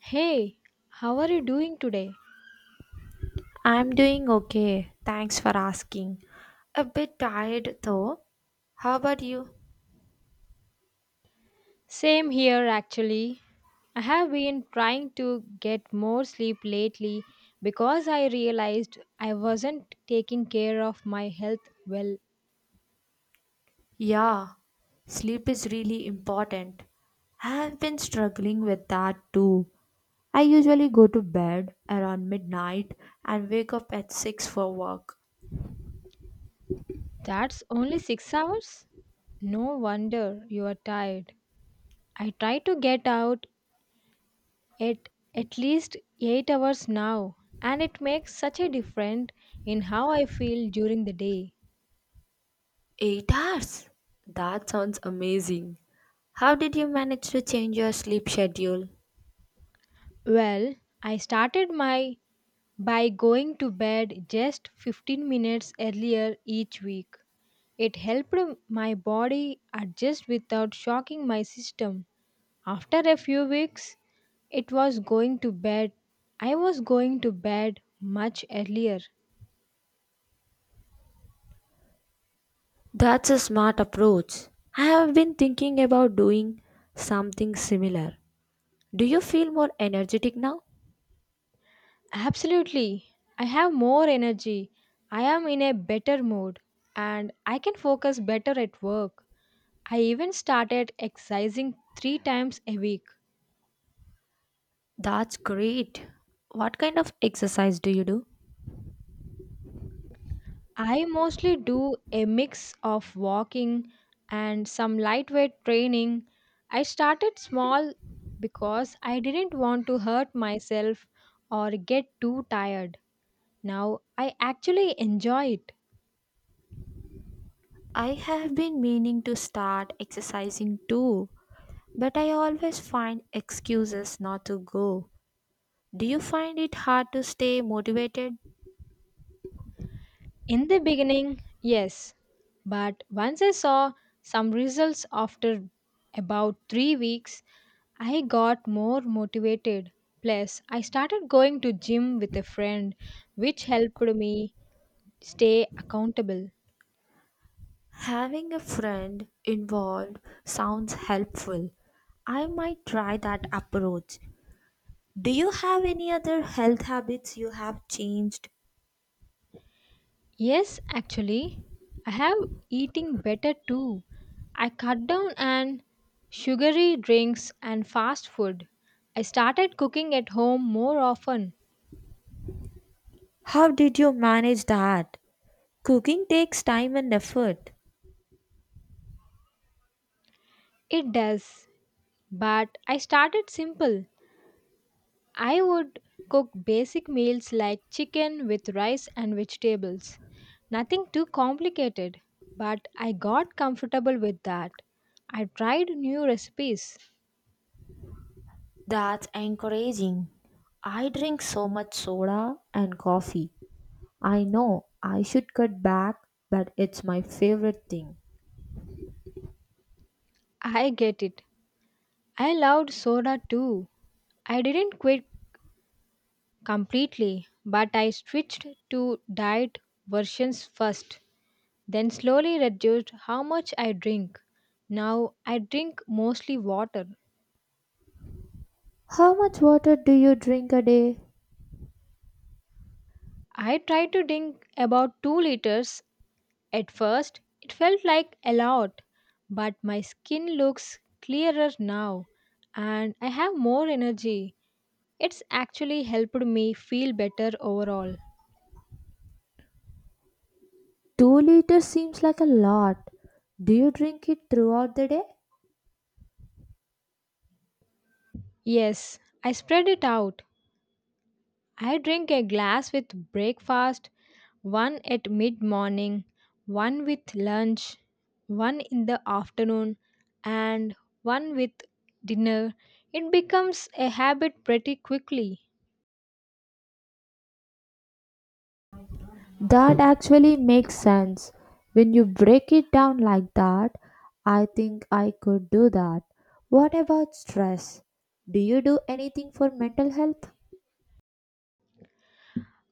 Hey, how are you doing today? I'm doing okay. Thanks for asking. A bit tired though. How about you? Same here actually. I have been trying to get more sleep lately because I realized I wasn't taking care of my health well. Yeah, sleep is really important. I have been struggling with that too. I usually go to bed around midnight and wake up at 6 for work. That's only 6 hours? No wonder you are tired. I try to get out at least 8 hours now and it makes such a difference in how I feel during the day. 8 hours? That sounds amazing. How did you manage to change your sleep schedule? Well, I started my By going to bed just 15 minutes earlier each week, it helped my body adjust without shocking my system. After a few weeks, it was going to bed. I was going to bed much earlier. That's a smart approach. I have been thinking about doing something similar. Do you feel more energetic now? Absolutely. I have more energy. I am in a better mood and I can focus better at work. I even started exercising three times a week. That's great. What kind of exercise do you do? I mostly do a mix of walking and some lightweight training. I started small because I didn't want to hurt myself or get too tired. Now I actually enjoy it. I have been meaning to start exercising too, but I always find excuses not to go. Do you find it hard to stay motivated? In the beginning, yes, but once I saw some results after about 3 weeks, I got more motivated. Plus, I started going to gym with a friend, which helped me stay accountable. Having a friend involved sounds helpful. I might try that approach. Do you have any other health habits you have changed? Yes, actually, I have eating better too. I cut down on sugary drinks and fast food. I started cooking at home more often. How did you manage that? Cooking takes time and effort. It does, but I started simple. I would cook basic meals like chicken with rice and vegetables. Nothing too complicated, but I got comfortable with that. I tried new recipes. That's encouraging. I drink so much soda and coffee. I know I should cut back, but it's my favorite thing. I get it. I loved soda too. I didn't quit completely, but I switched to diet versions first, then slowly reduced how much I drink. Now I drink mostly water. How much water do you drink a day? I try to drink about 2 liters. At first, it felt like a lot, but my skin looks clearer now and I have more energy. It's actually helped me feel better overall. 2 liters seems like a lot. Do you drink it throughout the day? Yes, I spread it out. I drink a glass with breakfast, one at mid morning, one with lunch, one in the afternoon, and one with dinner. It becomes a habit pretty quickly. That actually makes sense. When you break it down like that, I think I could do that. What about stress? Do you do anything for mental health?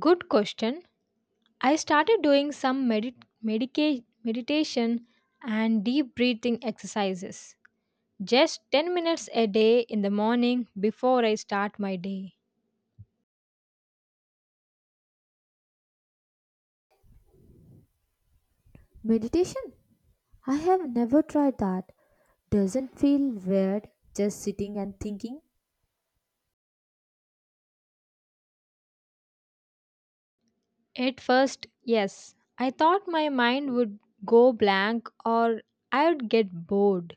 Good question. I started doing some meditation and deep breathing exercises. Just 10 minutes a day in the morning before I start my day. Meditation? I have never tried that. Doesn't feel weird just sitting and thinking? At first, yes, I thought my mind would go blank or I would get bored.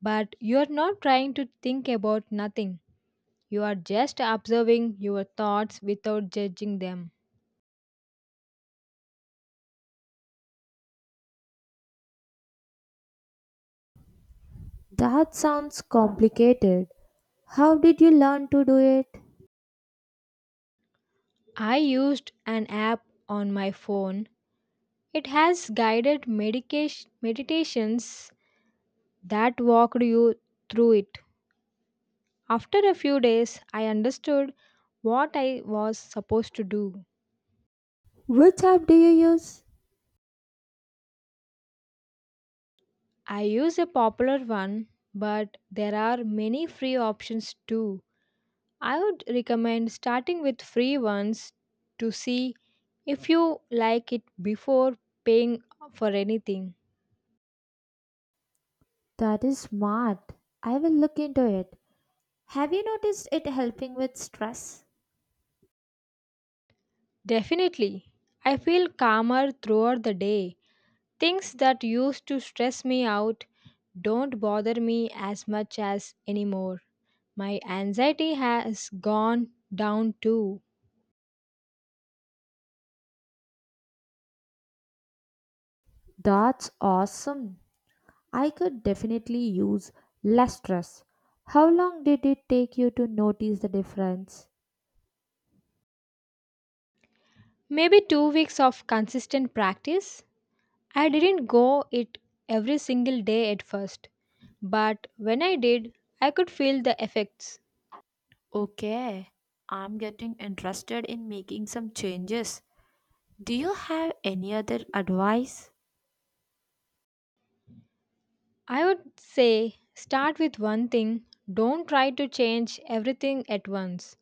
But you are not trying to think about nothing. You are just observing your thoughts without judging them. That sounds complicated. How did you learn to do it? I used an app on my phone. It has guided medication meditations that walked you through it. After a few days, I understood what I was supposed to do. Which app do you use? I use a popular one, but there are many free options too. I would recommend starting with free ones to see if you like it before paying for anything. That is smart. I will look into it. Have you noticed it helping with stress? Definitely, I feel calmer throughout the day. Things that used to stress me out don't bother me as much as anymore. My anxiety has gone down too. That's awesome. I could definitely use less stress. How long did it take you to notice the difference? Maybe 2 weeks of consistent practice? I didn't go it every single day at first, but when I did, I could feel the effects. Okay, I'm getting interested in making some changes. Do you have any other advice? I would say start with one thing, don't try to change everything at once.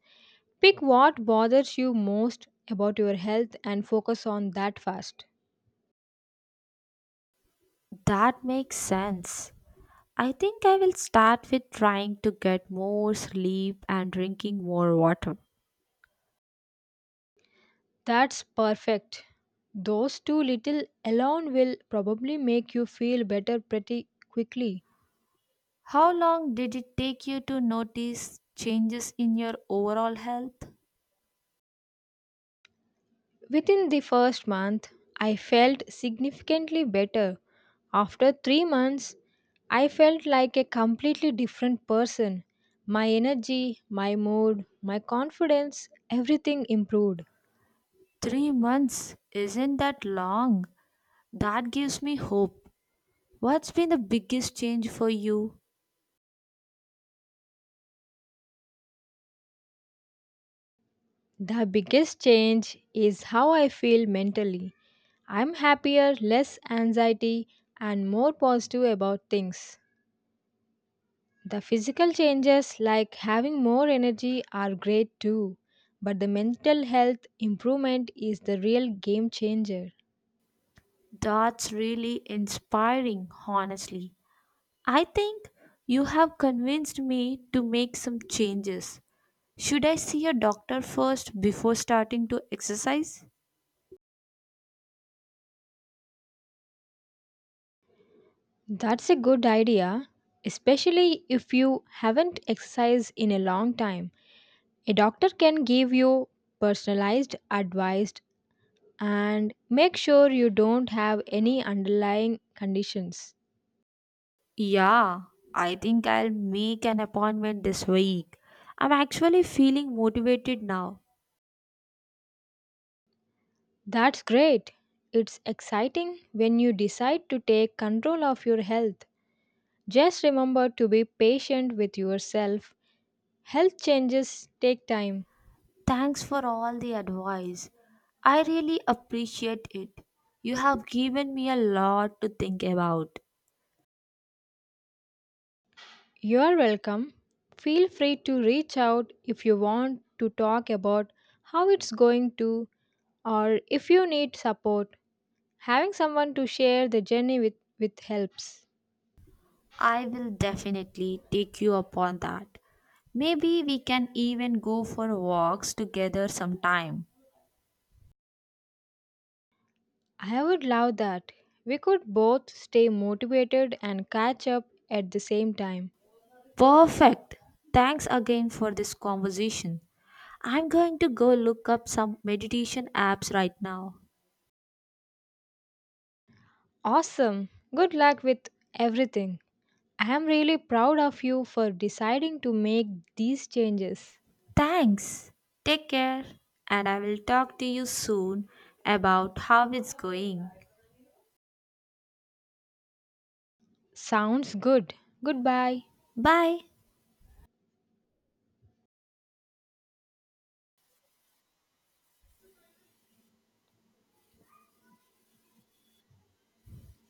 Pick what bothers you most about your health and focus on that first. That makes sense. I think I will start with trying to get more sleep and drinking more water. That's perfect. Those two little alone will probably make you feel better pretty quickly. How long did it take you to notice changes in your overall health? Within the first month, I felt significantly better. After 3 months, I felt like a completely different person. My energy, my mood, my confidence, everything improved. 3 months. Isn't that long? That gives me hope. What's been the biggest change for you? The biggest change is how I feel mentally. I'm happier, less anxiety, and more positive about things. The physical changes, like having more energy, are great too, but the mental health improvement is the real game changer. That's really inspiring, honestly. I think you have convinced me to make some changes. Should I see a doctor first before starting to exercise? That's a good idea, especially if you haven't exercised in a long time. A doctor can give you personalized advice and make sure you don't have any underlying conditions. Yeah, I think I'll make an appointment this week. I'm actually feeling motivated now. That's great. It's exciting when you decide to take control of your health. Just remember to be patient with yourself. Health changes take time. Thanks for all the advice. I really appreciate it. You have given me a lot to think about. You are welcome. Feel free to reach out if you want to talk about how it's going to or if you need support. Having someone to share the journey with helps. I will definitely take you upon that. Maybe we can even go for walks together sometime. I would love that. We could both stay motivated and catch up at the same time. Perfect. Thanks again for this conversation. I'm going to go look up some meditation apps right now. Awesome. Good luck with everything. I am really proud of you for deciding to make these changes. Thanks. Take care. And I will talk to you soon about how it's going. Sounds good. Goodbye. Bye.